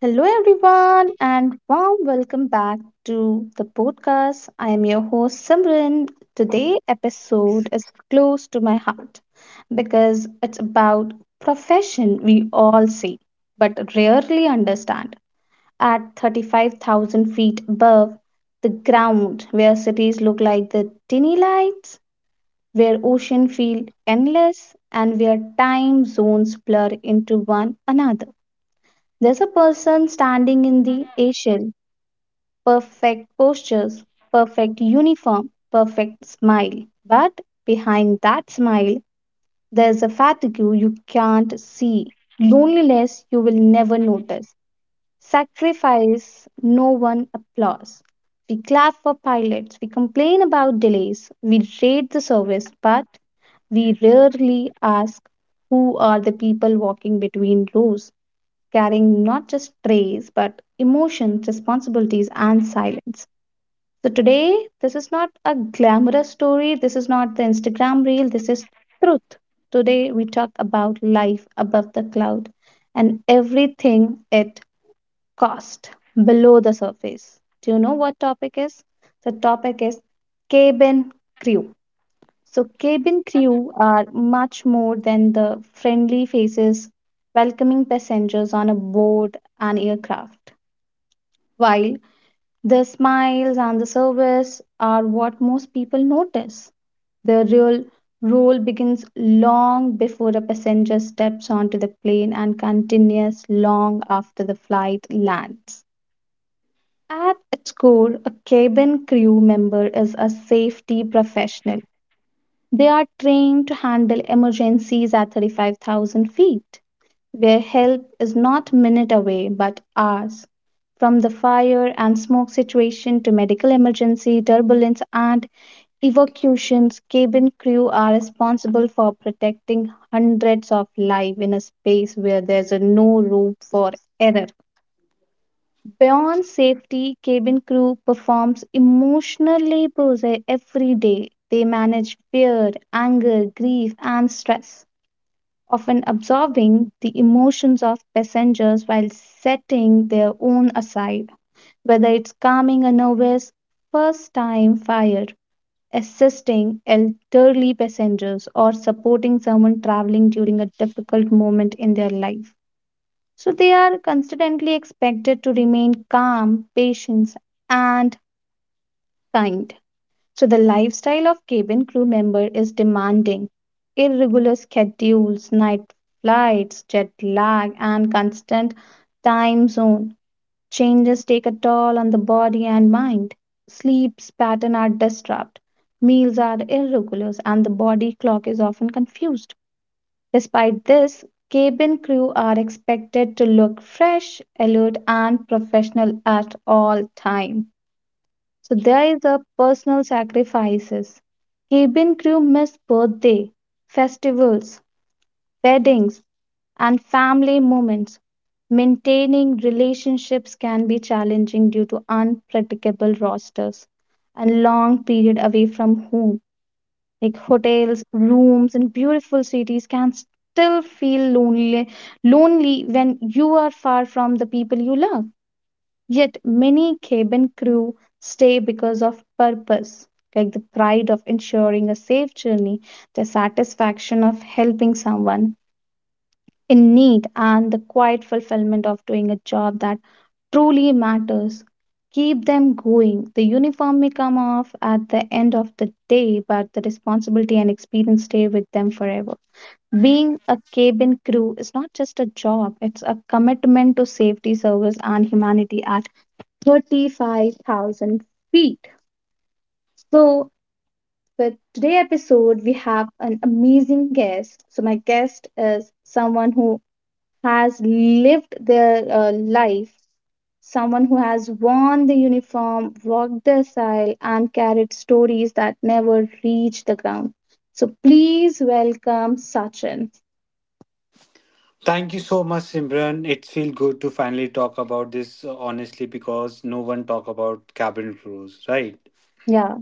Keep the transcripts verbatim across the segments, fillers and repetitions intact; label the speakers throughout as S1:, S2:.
S1: Hello, everyone, and warm welcome back to the podcast. I am your host Simran. Today episode is close to my heart because it's about profession we all see but rarely understand. At thirty-five thousand feet above the ground, where cities look like the tiny lights, where ocean feel endless, and where time zones blur into one another, there's a person standing in the aisle, perfect postures, perfect uniform, perfect smile. But behind that smile, there's a fatigue you can't see, loneliness you will never notice, sacrifice no one applauds. We clap for pilots, we complain about delays, we rate the service, but we rarely ask who are the people walking between rows, carrying not just trays, but emotions, responsibilities, and silence. So today, this is not a glamorous story, this is not the Instagram reel, this is truth. Today, we talk about life above the cloud and everything it cost below the surface. Do you know what topic is? The topic is cabin crew. So, cabin crew are much more than the friendly faces welcoming passengers on a board and aircraft, while the smiles and the service are what most people notice. The real role begins long before a passenger steps onto the plane and continues long after the flight lands. At its core, a cabin crew member is a safety professional. They are trained to handle emergencies at thirty-five thousand feet, where help is not minute away but hours. From the fire and smoke situation to medical emergency, turbulence, and evacuations, cabin crew are responsible for protecting hundreds of lives in a space where there's no room for error. Beyond safety, cabin crew performs emotional labor every day. They manage fear, anger, grief, and stress, often absorbing the emotions of passengers while setting their own aside, whether it's calming a nervous first time fire, assisting elderly passengers, or supporting someone traveling during a difficult moment in their life. So they are constantly expected to remain calm, patient, and kind. So the lifestyle of cabin crew member is demanding. Irregular schedules, night flights, jet lag, and constant time zone changes take a toll on the body and mind. Sleep's pattern are disturbed. Meals are irregular and the body clock is often confused. Despite this, cabin crew are expected to look fresh, alert, and professional at all time. So there is a personal sacrifices. Cabin crew miss birthday, festivals, weddings, and family moments. Maintaining relationships can be challenging due to unpredictable rosters and long period away from home, like hotels, rooms in beautiful cities can still feel lonely, lonely when you are far from the people you love. Yet many cabin crew stay because of purpose, like the pride of ensuring a safe journey, the satisfaction of helping someone in need, and the quiet fulfillment of doing a job that truly matters. Keep them going. The uniform may come off at the end of the day, but the responsibility and experience stay with them forever. Being a cabin crew is not just a job, it's a commitment to safety, service, and humanity at thirty-five thousand feet. So for today's episode, we have an amazing guest. So my guest is someone who has lived their uh, life, someone who has worn the uniform, walked the aisle, and carried stories that never reach the ground. So please welcome Sachin.
S2: Thank you so much, Simran. It feels good to finally talk about this uh, honestly because no one talk about cabin crews, right?
S1: Yeah.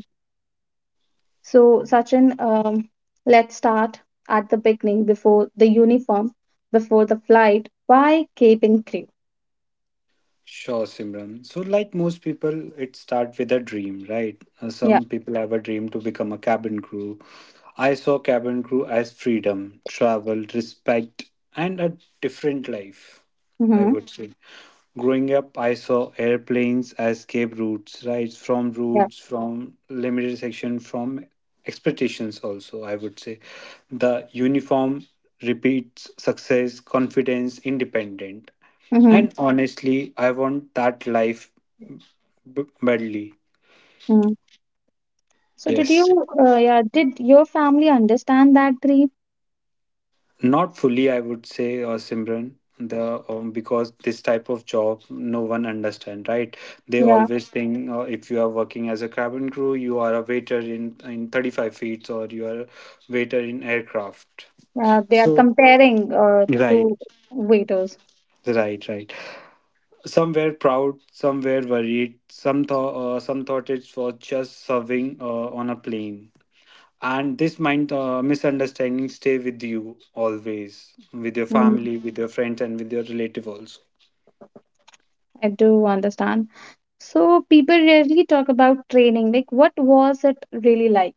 S1: So Sachin, um, let's start at the beginning, before the uniform, before the flight. Why Cape and Crew?
S2: Sure, Simran. So, like most people, it starts with a dream, right? Uh,
S1: Yeah.
S2: Some people have a dream to become a cabin crew. I saw cabin crew as freedom, travel, respect, and a different life, I
S1: Mm-hmm.
S2: would say. Growing up, I saw airplanes as escape routes, right? From
S1: Yeah.
S2: routes, from limited section, from expectations, also, I would say. The uniform repeats success, confidence, independent.
S1: Mm-hmm.
S2: And honestly, I want that life b- badly.
S1: Mm-hmm. So did
S2: Yes.
S1: you? Uh, yeah. Did your family understand that dream?
S2: Not fully, I would say, uh, Simran. The um, because this type of job no one understand, right? They
S1: Yeah.
S2: always think uh, if you are working as a cabin crew, you are a waiter in in thirty-five feet, or you are a waiter in aircraft.
S1: Uh, they are
S2: So
S1: comparing uh,
S2: right,
S1: to waiters.
S2: right, right. Some were proud, some were worried. Some thought, uh, some thought it was just serving uh, on a plane. And this mind uh, misunderstanding stay with you always, with your
S1: Mm,
S2: family, with your friends, and with your relative also.
S1: I do understand. So people rarely talk about training. Like, what was it really like?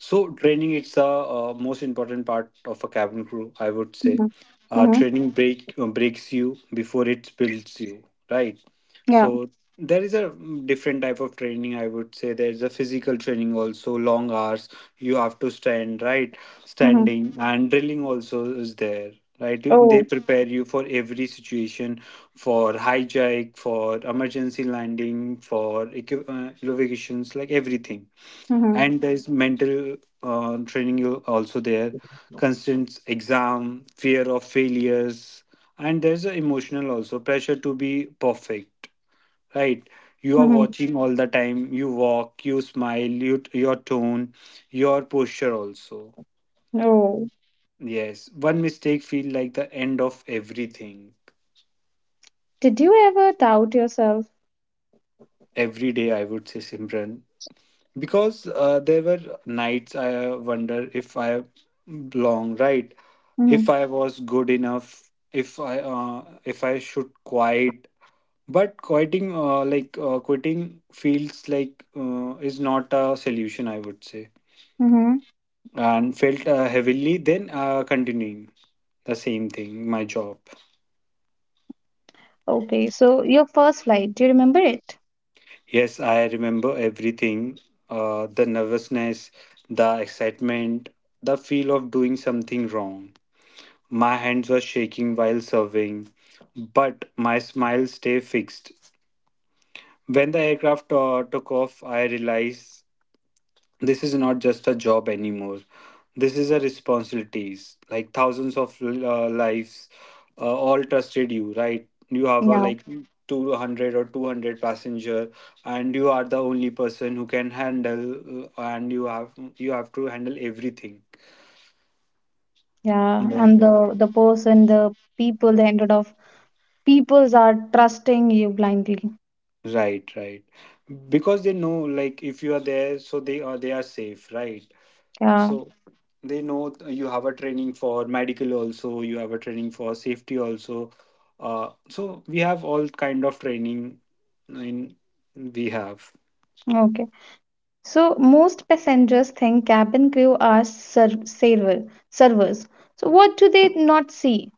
S2: So training is the uh, most important part of a cabin crew, I would say.
S1: Mm-hmm.
S2: Uh,
S1: Mm-hmm.
S2: training break uh, breaks you before it builds you, right?
S1: Yeah.
S2: So there is a mm, different type of training. I would say there is a physical training also, long hours. You have to stand, right?
S1: Mm-hmm.
S2: Standing and drilling also is there. Right, You- they
S1: Oh.
S2: prepare you for every situation, for hijack, for emergency landing, for equi- uh, evacuations, like everything.
S1: Mm-hmm.
S2: And there's mental uh, training you- also there, constant exam fear of failures, and there's a emotional also pressure to be perfect, right? You are
S1: Mm-hmm.
S2: watching all the time, you walk, you smile, you, your tone, your posture also.
S1: Oh.
S2: Yes, one mistake feel like the end of everything.
S1: Did you ever doubt yourself?
S2: Every day, I would say, Simran, because uh, there were nights I uh, wonder if I belong, right? If
S1: Mm-hmm.
S2: I was good enough, if i uh, if I should quit. But quitting uh, like uh, quitting feels like uh, is not a solution, I would say,
S1: Mm-hmm.
S2: and felt uh, heavily then uh, continuing the same thing, my job.
S1: Okay. So your first flight, do you remember it?
S2: Yes, I remember everything: uh, the nervousness, the excitement, the feel of doing something wrong. My hands were shaking while serving, but my smile stayed fixed. When the aircraft uh, took off, I realized this is not just a job anymore. This is a responsibility. Like thousands of uh, lives uh, all trusted you, right? You have a
S1: Yeah.
S2: like two hundred or two hundred passenger, and you are the only person who can handle uh, and you have you have to handle everything.
S1: Yeah.
S2: On the
S1: And
S2: aircraft.
S1: the the person, the people, the hundred of peoples are trusting you blindly.
S2: Right, right. Because they know, like, if you are there, so they are they are safe, right?
S1: Yeah.
S2: So they know, th- you have a training for medical also, you have a training for safety also. Uh, so we have all kind of training in we have.
S1: Okay. So most passengers think cabin crew are ser- server servers. So what do they not see?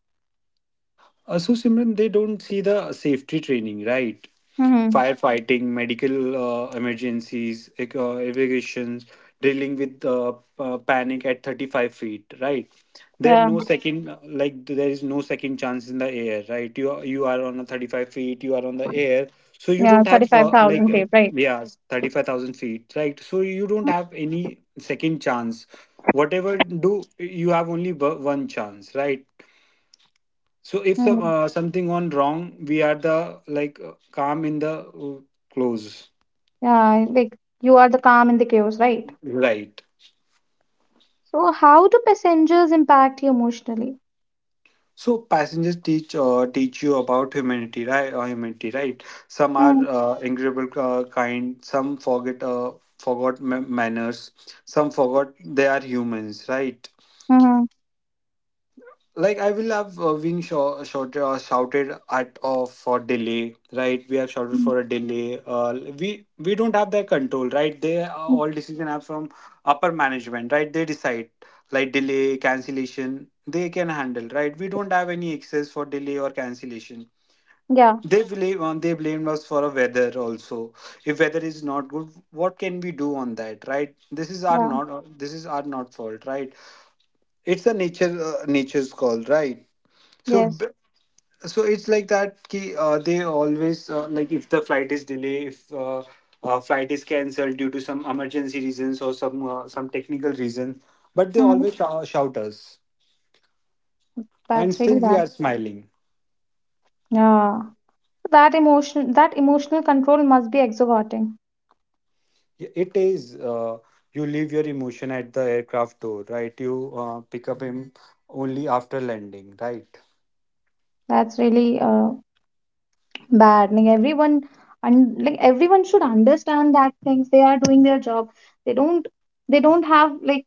S2: Uh, so, Simran, they don't see the safety training, right?
S1: Hmm.
S2: Firefighting, medical uh, emergencies, ec- uh, evacuations, drilling with uh, uh, panic at thirty-five feet, right? There
S1: Yeah,
S2: no second, like there is no second chance in the air, right? You are, you are on a thirty-five feet, you are on the air, so you
S1: yeah,
S2: don't have
S1: thirty-five
S2: uh, like
S1: thousand
S2: uh,
S1: feet, right?
S2: yeah, thirty-five thousand feet, right? So you don't have any second chance. Whatever do you have, only wo- one chance, right? So if some,
S1: Mhm.
S2: uh, something gone wrong, we are the like uh, calm in the uh, close,
S1: Yeah, like you are the calm in the chaos, right?
S2: right?
S1: So how do passengers impact you emotionally?
S2: So passengers teach uh, teach you about humanity, right? Uh, humanity, right? Some are
S1: Mm-hmm.
S2: uh, incredible, uh, kind. Some forget uh, forgot ma- manners. Some forgot they are humans, right?
S1: Mm-hmm.
S2: Like I will have uh, being shou- shouted or shouted at uh, for delay, right? We have shouted for a delay. Uh, we we don't have that control, right? They uh,
S1: Mm-hmm.
S2: all decision are from upper management, right? They decide like delay, cancellation. They can handle, right? We don't have any excess for delay or cancellation.
S1: Yeah,
S2: They blame uh, they blamed us for a weather also. If weather is not good, what can we do on that, right? This is our
S1: yeah,
S2: not uh, this is our not fault, right? It's a nature uh, nature's call, right? So,
S1: yes.
S2: b- so it's like that. Ki, uh, they always uh, like if the flight is delayed, if uh, uh, flight is cancelled due to some emergency reasons or some uh, some technical reason, but they
S1: Hmm.
S2: always shou- shout us, and
S1: That's really
S2: still we
S1: bad.
S2: are smiling.
S1: Yeah, that emotion, that emotional control must be exhausting.
S2: Y- It is, uh, you leave your emotion at the aircraft door, right? You uh, pick up him only after landing, right?
S1: That's really uh, bad. Like everyone, and like everyone should understand that things, they are doing their job. They don't. They don't have like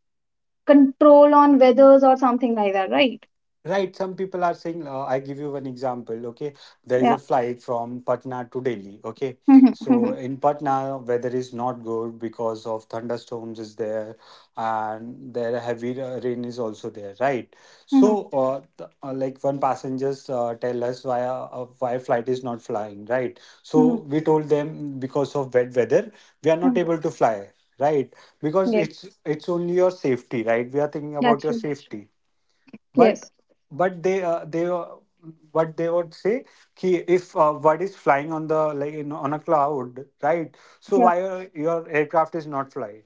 S1: control on weathers or something like that, right?
S2: Right, some people are saying, uh, I give you one example, okay? There is a
S1: Yeah.
S2: flight from Patna to Delhi, okay?
S1: Mhm,
S2: So
S1: mhm,
S2: in Patna, weather is not good because of thunderstorms is there and there heavy uh, rain is also there, right?
S1: mhm,
S2: So uh, the, uh, like one passengers uh, tell us why uh, uh, why flight is not flying, right? So
S1: mhm,
S2: we told them because of wet weather, we are not
S1: mhm.
S2: able to fly, right? Because
S1: Yes,
S2: it's it's only your safety, right? We are thinking about
S1: that's
S2: your
S1: true.
S2: safety, but
S1: Yes.
S2: but they uh, they uh, what they would say ki if uh, what is flying on the like in, on a cloud, right? So
S1: Yeah.
S2: why your, your aircraft is not flying?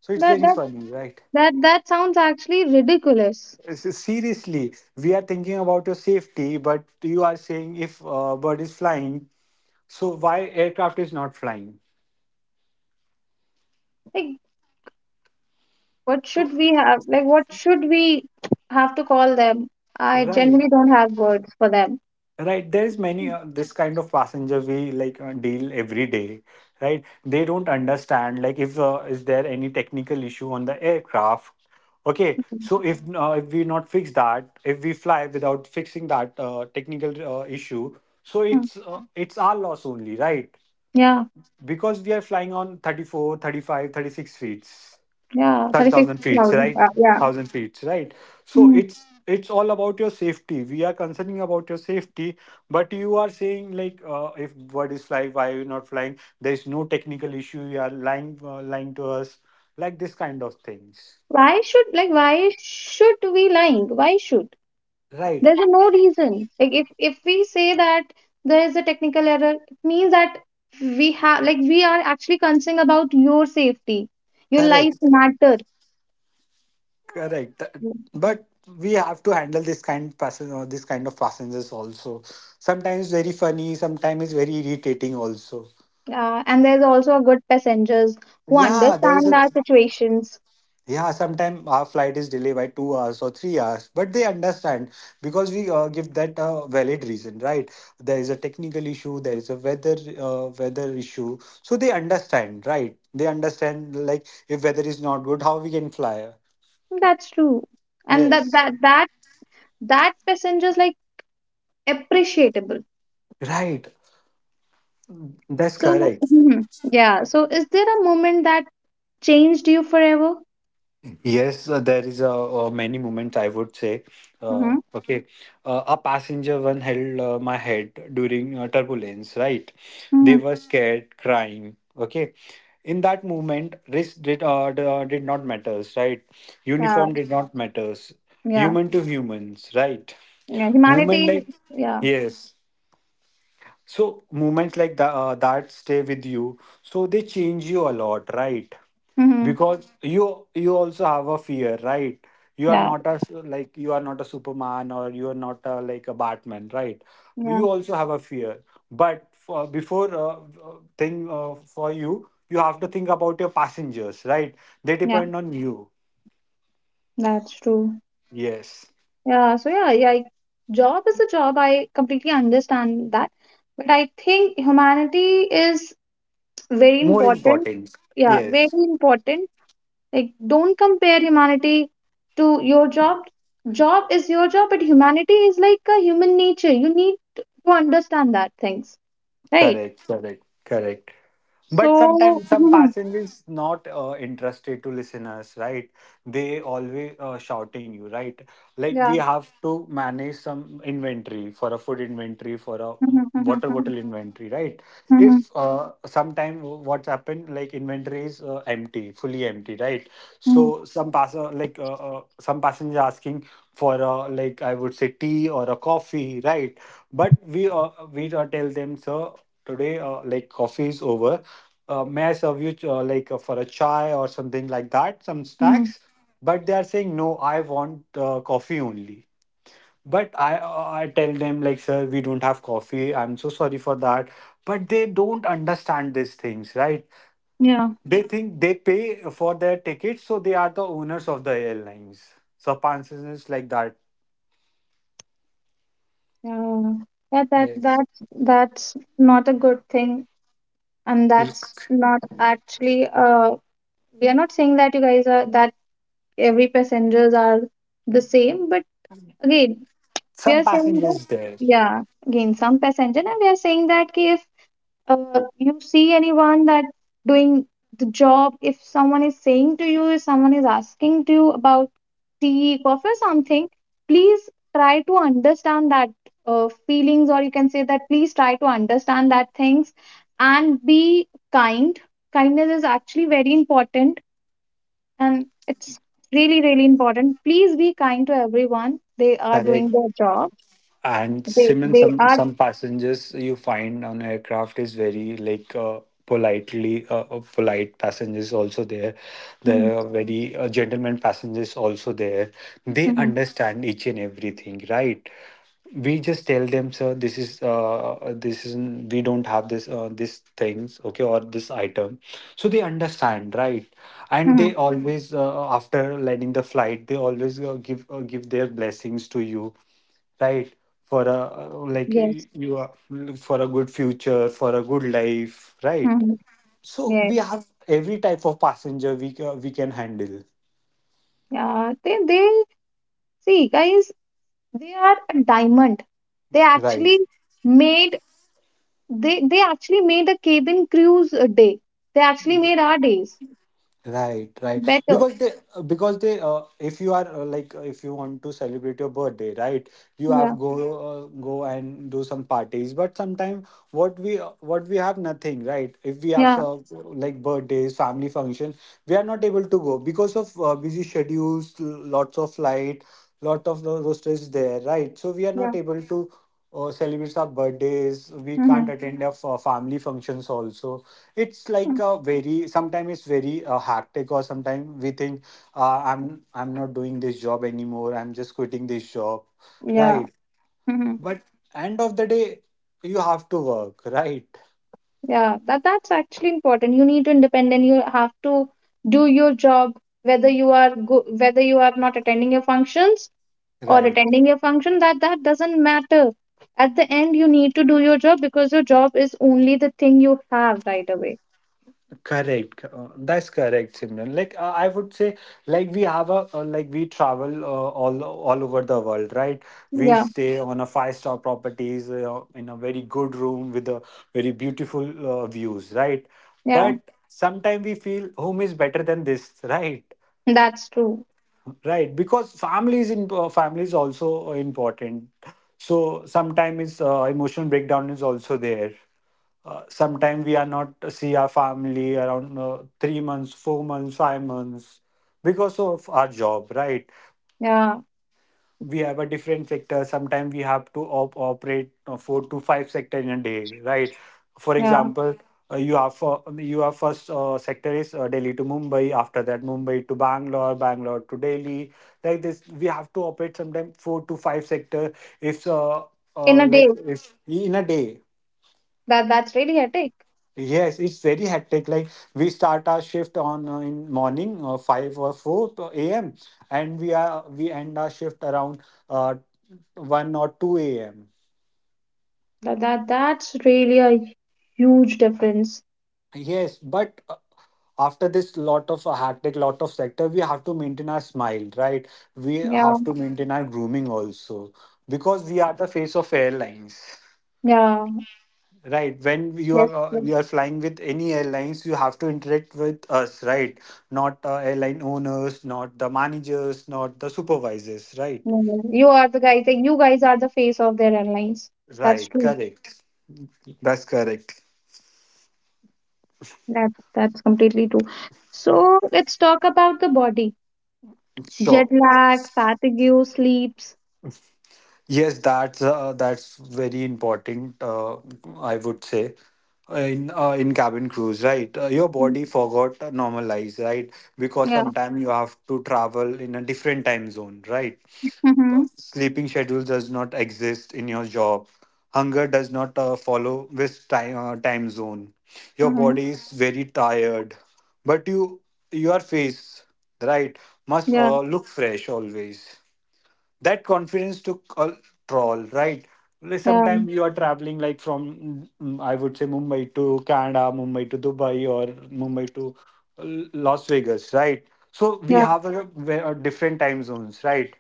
S2: So it's
S1: That
S2: very
S1: that
S2: funny, right?
S1: that that sounds actually ridiculous.
S2: S- seriously, we are thinking about your safety, but you are saying if uh, bird is flying, so why aircraft is not flying?
S1: Like, what
S2: So
S1: should we have? Like, what should we have to call them? I
S2: right.
S1: generally don't have words for them.
S2: Right, there's many uh, this kind of passenger we like uh, deal every day, right? They don't understand like if uh, is there any technical issue on the aircraft. Okay,
S1: Mhm.
S2: so if uh, if we not fix that, if we fly without fixing that uh, technical uh, issue, so
S1: Mm.
S2: it's uh, it's our loss only, right?
S1: Yeah.
S2: Because we are flying on thirty-four, thirty-five, thirty-six feet.
S1: Yeah. Thirty-six
S2: thirty thousand feet,
S1: thousand.
S2: right?
S1: uh, Yeah.
S2: one thousand feet, right? So
S1: Mm.
S2: it's it's all about your safety. We are concerning about your safety, but you are saying like, uh, if bird is flying, why are you not flying? There is no technical issue. You are lying uh, lying to us, like this kind of things,
S1: why should like why should we lying why should
S2: right?
S1: There's no reason. Like, if if we say that there is a technical error, it means that we have like we are actually concerned about your safety. Your life
S2: Correct,
S1: matter.
S2: correct. Th- But we have to handle this kind passen- uh, this kind of passengers also. Sometimes very funny, sometimes very irritating also.
S1: Uh, and there's also a good passengers who
S2: Yeah, there is
S1: understand
S2: a
S1: our situations.
S2: yeah, sometimes our flight is delayed by two hours or three hours, but they understand because we uh, give that a valid reason, right? There is a technical issue, there is a weather uh, weather issue, so they understand, right? They understand like if weather is not good, how we can fly.
S1: That's true. And that
S2: Yes,
S1: that that that passengers like appreciable.
S2: right. That's
S1: So
S2: correct.
S1: mhm, yeah, so is there a moment that changed you forever?
S2: Yes, uh, there is a, uh, many moments, I would say. Uh,
S1: Mhm.
S2: okay, uh, a passenger one held uh, my head during uh, turbulence. Right, they
S1: Mhm.
S2: were scared, crying. Okay, in that moment, race did uh, d- uh, did not matters. Right,
S1: Yeah,
S2: uniform did not matters.
S1: yeah,
S2: Human to humans. Right,
S1: yeah.
S2: movement
S1: Humanity,
S2: like
S1: is- yeah.
S2: yes, so moments like that, uh, that stay with you. So they change you a lot, right?
S1: Hmm.
S2: Because you you also have a fear, right? You are
S1: Yeah,
S2: not a like you are not a Superman, or you are not a, like a Batman, right? But
S1: yeah,
S2: you also have a fear. But for, before uh, uh, thing uh, for you, you have to think about your passengers, right? They
S1: yeah.
S2: depend on you.
S1: That's true.
S2: Yes,
S1: Yeah. So yeah, yeah. Job is a job. I completely understand that, but I think humanity is very
S2: more
S1: important.
S2: important.
S1: Yeah, very
S2: Yes,
S1: important. Like, don't compare humanity to your job. Job is your job, but humanity is like a human nature. You need to understand that things, right?
S2: correct, correct, correct. But
S1: So
S2: sometimes some passengers not uh, interested to listeners, right? They always uh, shouting you, right? Like
S1: yeah.
S2: we have to manage some inventory, for a food inventory, for a mm, water bottle inventory, right? If uh, sometime what's happened, like inventory is uh, empty, fully empty, right?
S1: Mm,
S2: So some pass uh, like uh, uh, some passenger asking for a like I would say tea or a coffee, right? But we uh, we uh, tell them, sir, today uh, like coffee is over, uh, may I serve you uh, like uh, for a chai or something like that, some
S1: mm,
S2: snacks? But they are saying, no, I want uh, coffee only. But I, uh, I tell them, like, sir, we don't have coffee. I'm so sorry for that. But they don't understand these things, right?
S1: yeah,
S2: They think they pay for their tickets, so they are the owners of the airlines. So, passengers like that.
S1: yeah, yeah. That
S2: Yes.
S1: that's that's not a good thing, and that's not actually. Uh, we are not saying that you guys are that, every passengers are the same, but again, we
S2: Some
S1: are saying that,
S2: passengers there.
S1: yeah, again some passenger, and we are saying that, if uh, you see anyone that doing the job, if someone is saying to you, if someone is asking to you about tea, coffee or something, please try to understand that uh, feelings, or you can say that please try to understand that things and be kind. Kindness is actually very important, and it's really, really important. Please be kind to everyone, they are
S2: Correct.
S1: doing their job.
S2: And
S1: they
S2: Simon,
S1: they
S2: some
S1: are.
S2: some passengers you find on aircraft is very like uh, politely uh, uh, polite passengers also there.
S1: Mhm,
S2: There are very uh, gentlemen passengers also there. They
S1: mhm,
S2: understand each and everything, right? We just tell them, sir, this is uh, this is we don't have this uh, this things, okay, or this item. So they understand, right? And
S1: mhm.
S2: they always uh, after landing the flight, they always uh, give uh, give their blessings to you, right, for a like y-
S1: Yes.
S2: you are for a good future, for a good life, right?
S1: Mhm.
S2: So
S1: Yes.
S2: we have every type of passenger, we ca- we can handle,
S1: Yeah, they they see, guys, they are a diamond. They
S2: right.
S1: actually made they they actually made a cabin cruise a day. They actually made our days
S2: Right, right.
S1: better.
S2: Because they, uh, because they, uh, if you are uh, like, uh, if you want to celebrate your birthday, right, you have
S1: Yeah,
S2: go. Mhm. Uh, go and do some parties. But sometimes what we uh, what we have nothing, right? If we have
S1: yeah,
S2: some like birthdays, family function, we are not able to go because of uh, busy schedules, l- lots of flight, lot of ro- rosters there, right? So we are not
S1: yeah.
S2: able to uh, celebrate our birthdays. We can't
S1: Mm-hmm.
S2: attend our fa- family functions also. It's like
S1: Mm,
S2: a very sometimes it's very uh, hectic, or sometimes we think, uh, i'm i'm not doing this job anymore, I'm just quitting this job,
S1: yeah.
S2: right.
S1: Mm-hmm.
S2: But end of the day, you have to work, right.
S1: Yeah, that that's actually important. You need to independent. You have to do your job, whether you are go, whether you are not attending your functions, or
S2: Right.
S1: attending a function, that that doesn't matter. At the end, you need to do your job, because your job is only the thing you have right away.
S2: Correct. uh, That's correct, Simran. Like uh, I would say, like we have a uh, like we travel uh, all all over the world, right? We
S1: Yeah,
S2: stay on a five star properties uh, in a very good room with a very beautiful uh, views, right?
S1: yeah,
S2: But sometimes we feel home is better than this, right?
S1: that's true.
S2: Right, because family is in uh, family is also uh, important. So sometimes uh, emotional breakdown is also there, uh, sometimes we are not see our family around uh, three months, four months, five months, because of our job, right.
S1: Yeah,
S2: We have a different sector, sometimes we have to op- operate uh, four to five sector in a day, right? For
S1: yeah,
S2: example, uh, you have for you have first uh, sector is uh, delhi to mumbai, after that mumbai to bangalore, bangalore to delhi. Like this we have to operate sometimes four to five sector, if uh,
S1: in
S2: uh,
S1: a day.
S2: like if in a day.
S1: That, that's really a take.
S2: Yes, it's very hectic. Like we start our shift on uh, in morning uh, five or four a m and we are we end our shift around uh, one or two a m.
S1: That, that that's really a huge difference.
S2: Yes, but uh, after this lot of uh, hectic, lot of sector, we have to maintain our smile, right? We
S1: Yeah,
S2: have to maintain our grooming also, because we are the face of airlines.
S1: yeah,
S2: Right. When you
S1: yes,
S2: are uh,
S1: yes.
S2: you are flying with any airlines, you have to interact with us, right? Not uh, airline owners, not the managers, not the supervisors, right?
S1: No, no. You are the guy think you guys are the face of their airlines. That's
S2: Right.
S1: true.
S2: Correct. That's correct.
S1: That that's completely true. So let's talk about the body, jet
S2: Sure.
S1: lag, fatigue, sleep.
S2: Yes, that's uh, that's very important. Uh, I would say in uh, in cabin crews, right? Uh, your
S1: Mm,
S2: body forgot to normalize, right? Because
S1: yeah.
S2: sometimes you have to travel in a different time zone, right? Uh,
S1: Mm-hmm.
S2: Sleeping schedule does not exist in your job. Hunger does not uh, follow this time uh, time zone. Your
S1: Mm-hmm.
S2: body is very tired, but you, your face, right, must
S1: Yeah.
S2: uh, look fresh always. That confidence took a troll, right. Like,
S1: Yeah.
S2: sometimes you are traveling like from mm, I would say mumbai to canada, mumbai to dubai, or mumbai to uh, las vegas, right. So we
S1: Yeah.
S2: have a, a different time zones, right.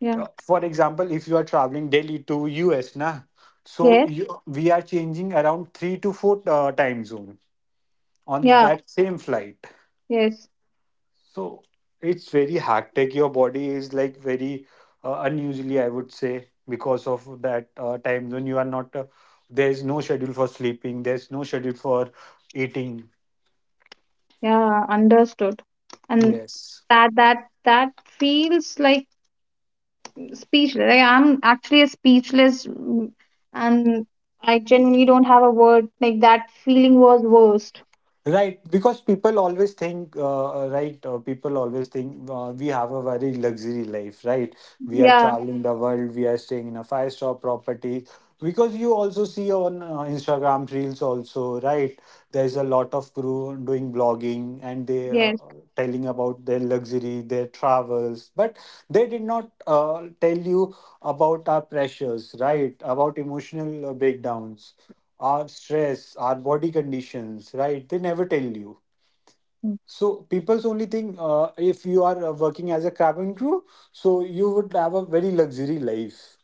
S1: Yeah.
S2: uh, For example, if you are traveling delhi to us na, so
S1: Yes.
S2: you, we are changing around three to four uh, time zone on
S1: Yeah.
S2: that same flight.
S1: Yes.
S2: So it's very hectic. Your body is like very uh, unusually, I would say, because of that uh, time zone. You are not, uh, there's no schedule for sleeping, there's no schedule for eating.
S1: Yeah. Understood. And
S2: Yes.
S1: that that that feels like speechless. Like, I'm actually a speechless, mm, and I genuinely don't have a word. Like, that feeling was worst.
S2: Right, because people always think, uh, uh, right, uh, people always think uh, we have a very luxury life, right? We are
S1: Yeah.
S2: traveling the world, we are staying in a five-star property. Because you also see on uh, Instagram reels also, right? There's a lot of crew doing blogging and they uh,
S1: Yes.
S2: telling about their luxury, their travels, but they did not uh, tell you about our pressures, right? About emotional uh, breakdowns, our stress, our body conditions, right? They never tell you.
S1: Mm,
S2: So people's only thing, uh, if you are uh, working as a cabin crew, so you would have a very luxury life.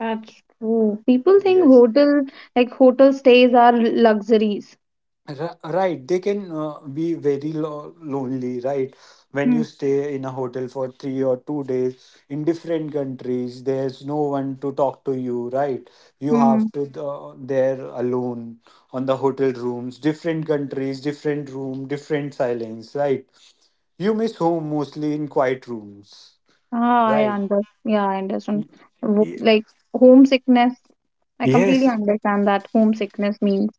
S1: That's true. People think
S2: Yes.
S1: hotel like hotel stays are luxuries.
S2: Ri- Right, they can uh, be very lo lonely, right? When you stay in a hotel for three or two days in different countries, there's no one to talk to you, right? You
S1: Mm-hmm.
S2: have to uh, there alone on the hotel rooms, different countries, different room, different silence, right? You miss home mostly in quiet rooms,
S1: Ah, I
S2: right?
S1: under yeah, I understand. Wo-
S2: Ye-
S1: Like homesickness, I completely
S2: Yes,
S1: understand that homesickness means.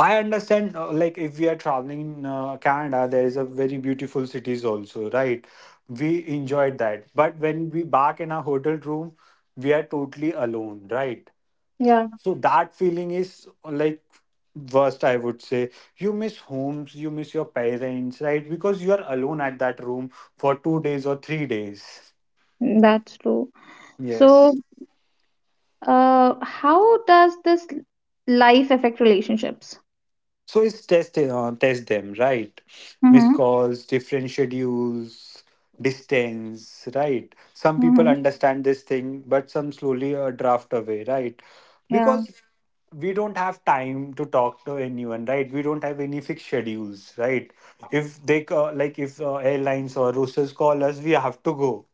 S2: I understand, uh, like if we are traveling in uh, Canada, there is a very beautiful cities also, right? We enjoyed that, but when we back in our hotel room, we are totally alone, right?
S1: Yeah.
S2: So that feeling is uh, like worst, I would say. You miss homes, you miss your parents, right? Because you are alone at that room for two days or three days.
S1: That's true.
S2: Yes.
S1: So uh, how does this life affect relationships?
S2: So it's test uh, test them, right? Missed
S1: Mm-hmm.
S2: calls, different schedules, distance, right? Some people
S1: Mm-hmm.
S2: understand this thing, but some slowly uh, draft away, right?
S1: Yeah.
S2: Because we don't have time to talk to anyone, right? We don't have any fixed schedules, right? If they ca- like if uh, airlines or roosters call us, we have to go,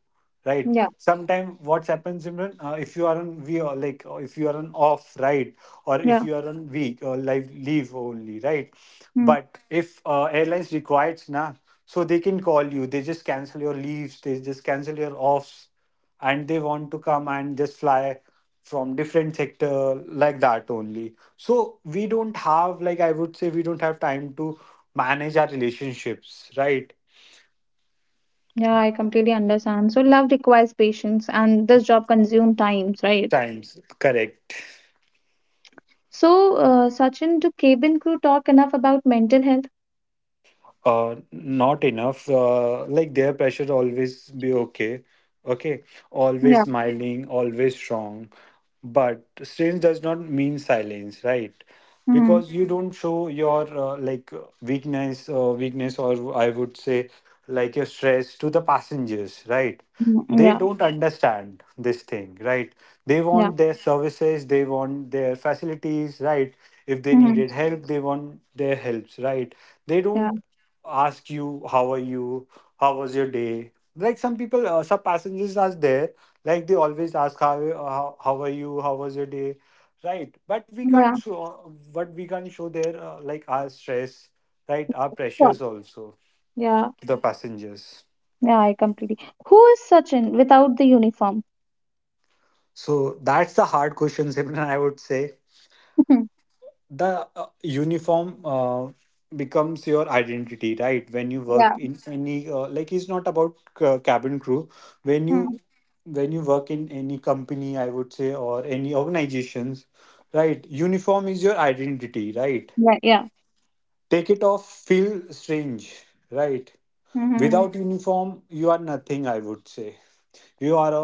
S2: right.
S1: Yeah.
S2: Sometimes what happens, Simran, uh, if you are on we are like uh, if you are on off, right, or if
S1: Yeah.
S2: you are on week or live leave only, right.
S1: Mm.
S2: But if uh, airlines requires na, so they can call you, they just cancel your leaves, they just cancel your offs, and they want to come and just fly from different sector, like that only. So we don't have, like I would say, we don't have time to manage our relationships, right.
S1: Yeah, I completely understand. So, love requires patience, and this job consumes times, right?
S2: Times, correct.
S1: So uh, Sachin, do cabin crew talk enough about mental health?
S2: Uh not enough. Uh like their pressure always be okay, okay, always
S1: Yeah.
S2: smiling, always strong. But strange does not mean silence, right?
S1: Mm-hmm.
S2: Because you don't show your uh, like uh, weakness uh, weakness, or I would say like your stress to the passengers, right? They
S1: Yeah.
S2: don't understand this thing, right? They
S1: Yeah.
S2: want their services, they want their facilities, right? If they
S1: Mm-hmm.
S2: needed help, they want their helps, right? They
S1: Yeah.
S2: don't ask you, how are you, how was your day? Like some people, uh, some passengers are there, like they always ask, how, how how are you, how was your day, right? but we can't
S1: Yeah.
S2: show but we can't show their uh, like our stress, right, our
S1: Sure.
S2: pressures also
S1: Yeah,
S2: to the passengers.
S1: yeah, I completely. Who is Sachin without the uniform?
S2: So that's the hard questions, Imran, I would say. The uh, uniform uh, becomes your identity, right? When you work
S1: Yeah.
S2: in any uh, like it's not about uh, cabin crew, when
S1: Hmm.
S2: you, when you work in any company, I would say, or any organizations, right, uniform is your identity, right?
S1: Right, yeah.
S2: Take it off, feel strange, right.
S1: Hmm.
S2: Without uniform, you are nothing, I would say. You are a,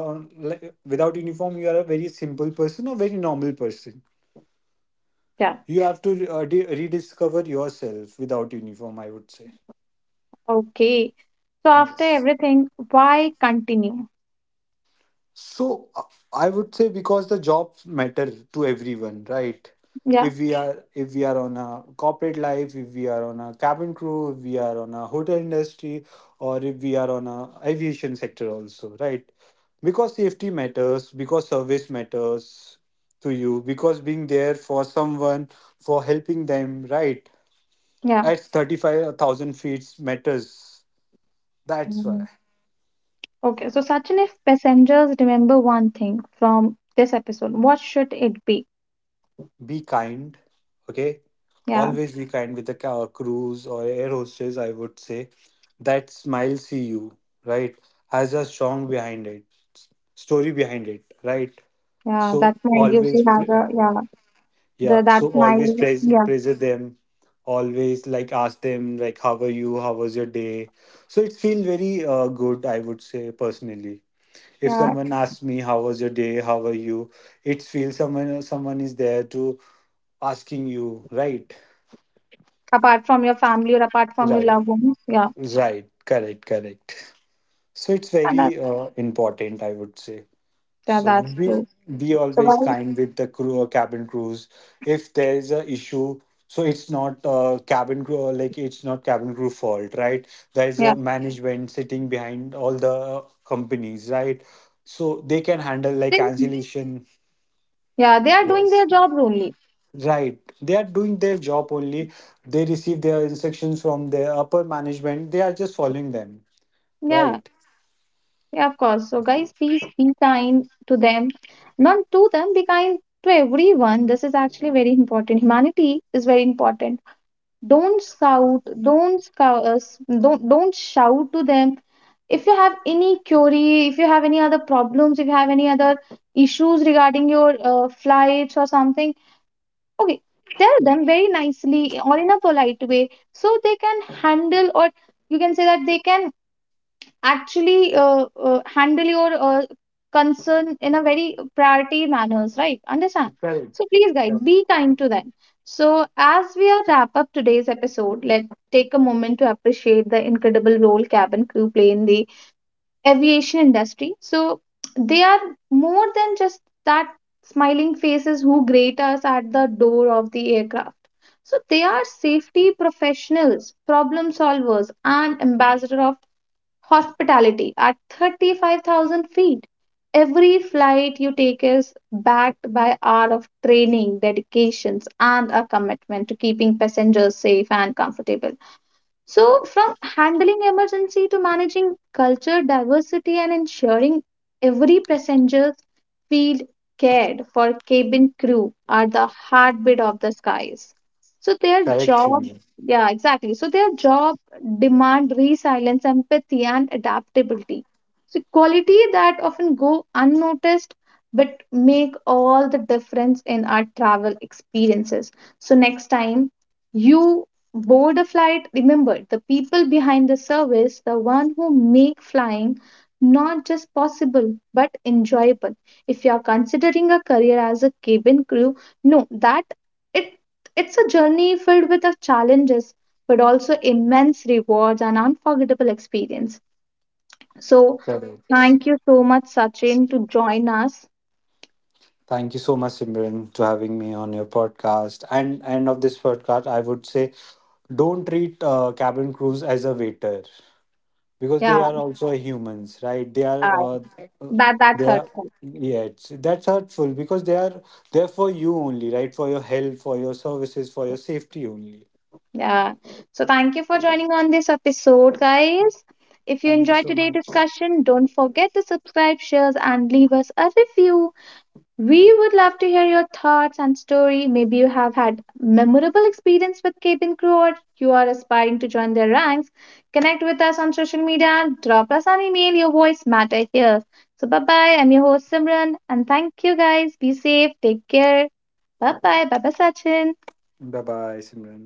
S2: like, without uniform, you are a very simple person, or very normal person.
S1: Yeah.
S2: You have to uh, de- rediscover yourself without uniform, I would say.
S1: Okay. So after
S2: Yes.
S1: everything, why continue?
S2: So uh, I would say because the jobs matter to everyone, right?
S1: Yeah,
S2: If we are if we are on a corporate life, if we are on a cabin crew, if we are on a hotel industry, or if we are on a aviation sector also, right? Because safety matters, because service matters to you, because being there for someone, for helping them, right?
S1: yeah.
S2: At thirty-five thousand feet matters. That's why.
S1: Mm. Okay. So Sachin, if passengers remember one thing from this episode, what should it be?
S2: Be kind, okay?
S1: Yeah,
S2: Always be kind with the ca- crews or air hostess, I would say. That smile see you, right? Has a strong behind it, story behind it, right?
S1: yeah.
S2: So
S1: That might
S2: always,
S1: usually have
S2: pre-
S1: a yeah. The
S2: yeah,
S1: that
S2: so
S1: might
S2: always praise,
S1: yeah,
S2: praise them. Always like ask them like, how are you? How was your day? So it feels very uh, good, I would say personally. If
S1: yeah.
S2: someone asks me, how was your day? How are you? It feels someone someone is there to asking you, right.
S1: Apart from your family, or apart from your
S2: Right,
S1: loved ones, yeah.
S2: right. Correct, correct. So it's
S1: Yeah, that's
S2: very uh, important, I would say.
S1: yeah,
S2: So
S1: that's
S2: be
S1: true.
S2: be
S1: So
S2: always
S1: why?
S2: kind with the crew or cabin crews. If there is a issue, so it's not uh, cabin crew or like it's not cabin crew fault, right? There is
S1: Yeah.
S2: a management sitting behind all the companies, right? So they can handle like
S1: They,
S2: cancellation.
S1: yeah, they are doing their
S2: Yes.
S1: jobs only.
S2: Right. They are doing their job only. They receive their instructions from their upper management. They are just following them.
S1: Yeah,
S2: Right.
S1: yeah, of course. So, guys, please be kind to them. Not to them, be kind to everyone. This is actually very important. Humanity is very important. Don't shout. Don't scout us. Don't don't shout to them. If you have any query, if you have any other problems, if you have any other issues regarding your uh, flights or something, okay, tell them very nicely or in a polite way, so they can handle, or you can say that they can actually uh, uh, handle your uh, concern in a very priority manners, right, understand?
S2: Correct.
S1: So please, guys,
S2: Correct,
S1: be kind to them. So as we are wrap up today's episode, let's take a moment to appreciate the incredible role cabin crew play in the aviation industry. So they are more than just that smiling faces who greet us at the door of the aircraft. So they are safety professionals, problem solvers, and ambassador of hospitality at thirty-five thousand feet. Every flight you take is backed by hour of training, dedications, and a commitment to keeping passengers safe and comfortable. So, from handling emergency to managing culture diversity and ensuring every passenger feel cared for, cabin crew are the heartbeat of the skies. So their
S2: Correct,
S1: job,
S2: Simran.
S1: yeah, exactly. So their job demand resilience, empathy, and adaptability. So quality that often go unnoticed but make all the difference in our travel experiences. So next time you board flight, remember the people behind the service, the one who make flying not just possible but enjoyable. If you are considering a career as a cabin crew, know that it it's a journey filled with the challenges, but also immense rewards and unforgettable experience. So
S2: Correct.
S1: thank you so much, Sachin, to join us.
S2: Thank you so much, Simran, to having me on your podcast. And end of this podcast, I would say, don't treat uh, cabin crews as a waiter, because they
S1: Yeah,
S2: are also humans, right? they are
S1: uh,
S2: uh, uh,
S1: that that
S2: they are
S1: hurt.
S2: yeah, it's, that's hurtful, because they are there for you only, right? For your help, for your services, for your safety only.
S1: Yeah. So thank you for joining on this episode, guys. If you
S2: Thank you
S1: enjoyed
S2: so
S1: today's
S2: much.
S1: discussion, don't forget to subscribe, share, and leave us a review. We would love to hear your thoughts and story. Maybe you have had memorable experience with cabin crew, or you are aspiring to join their ranks. Connect with us on social media and drop us an email. Your voice matter here. So bye bye. I'm your host Simran, and thank you, guys. Be safe. Take care. Bye bye. Bye bye, Sachin.
S2: Bye bye, simran.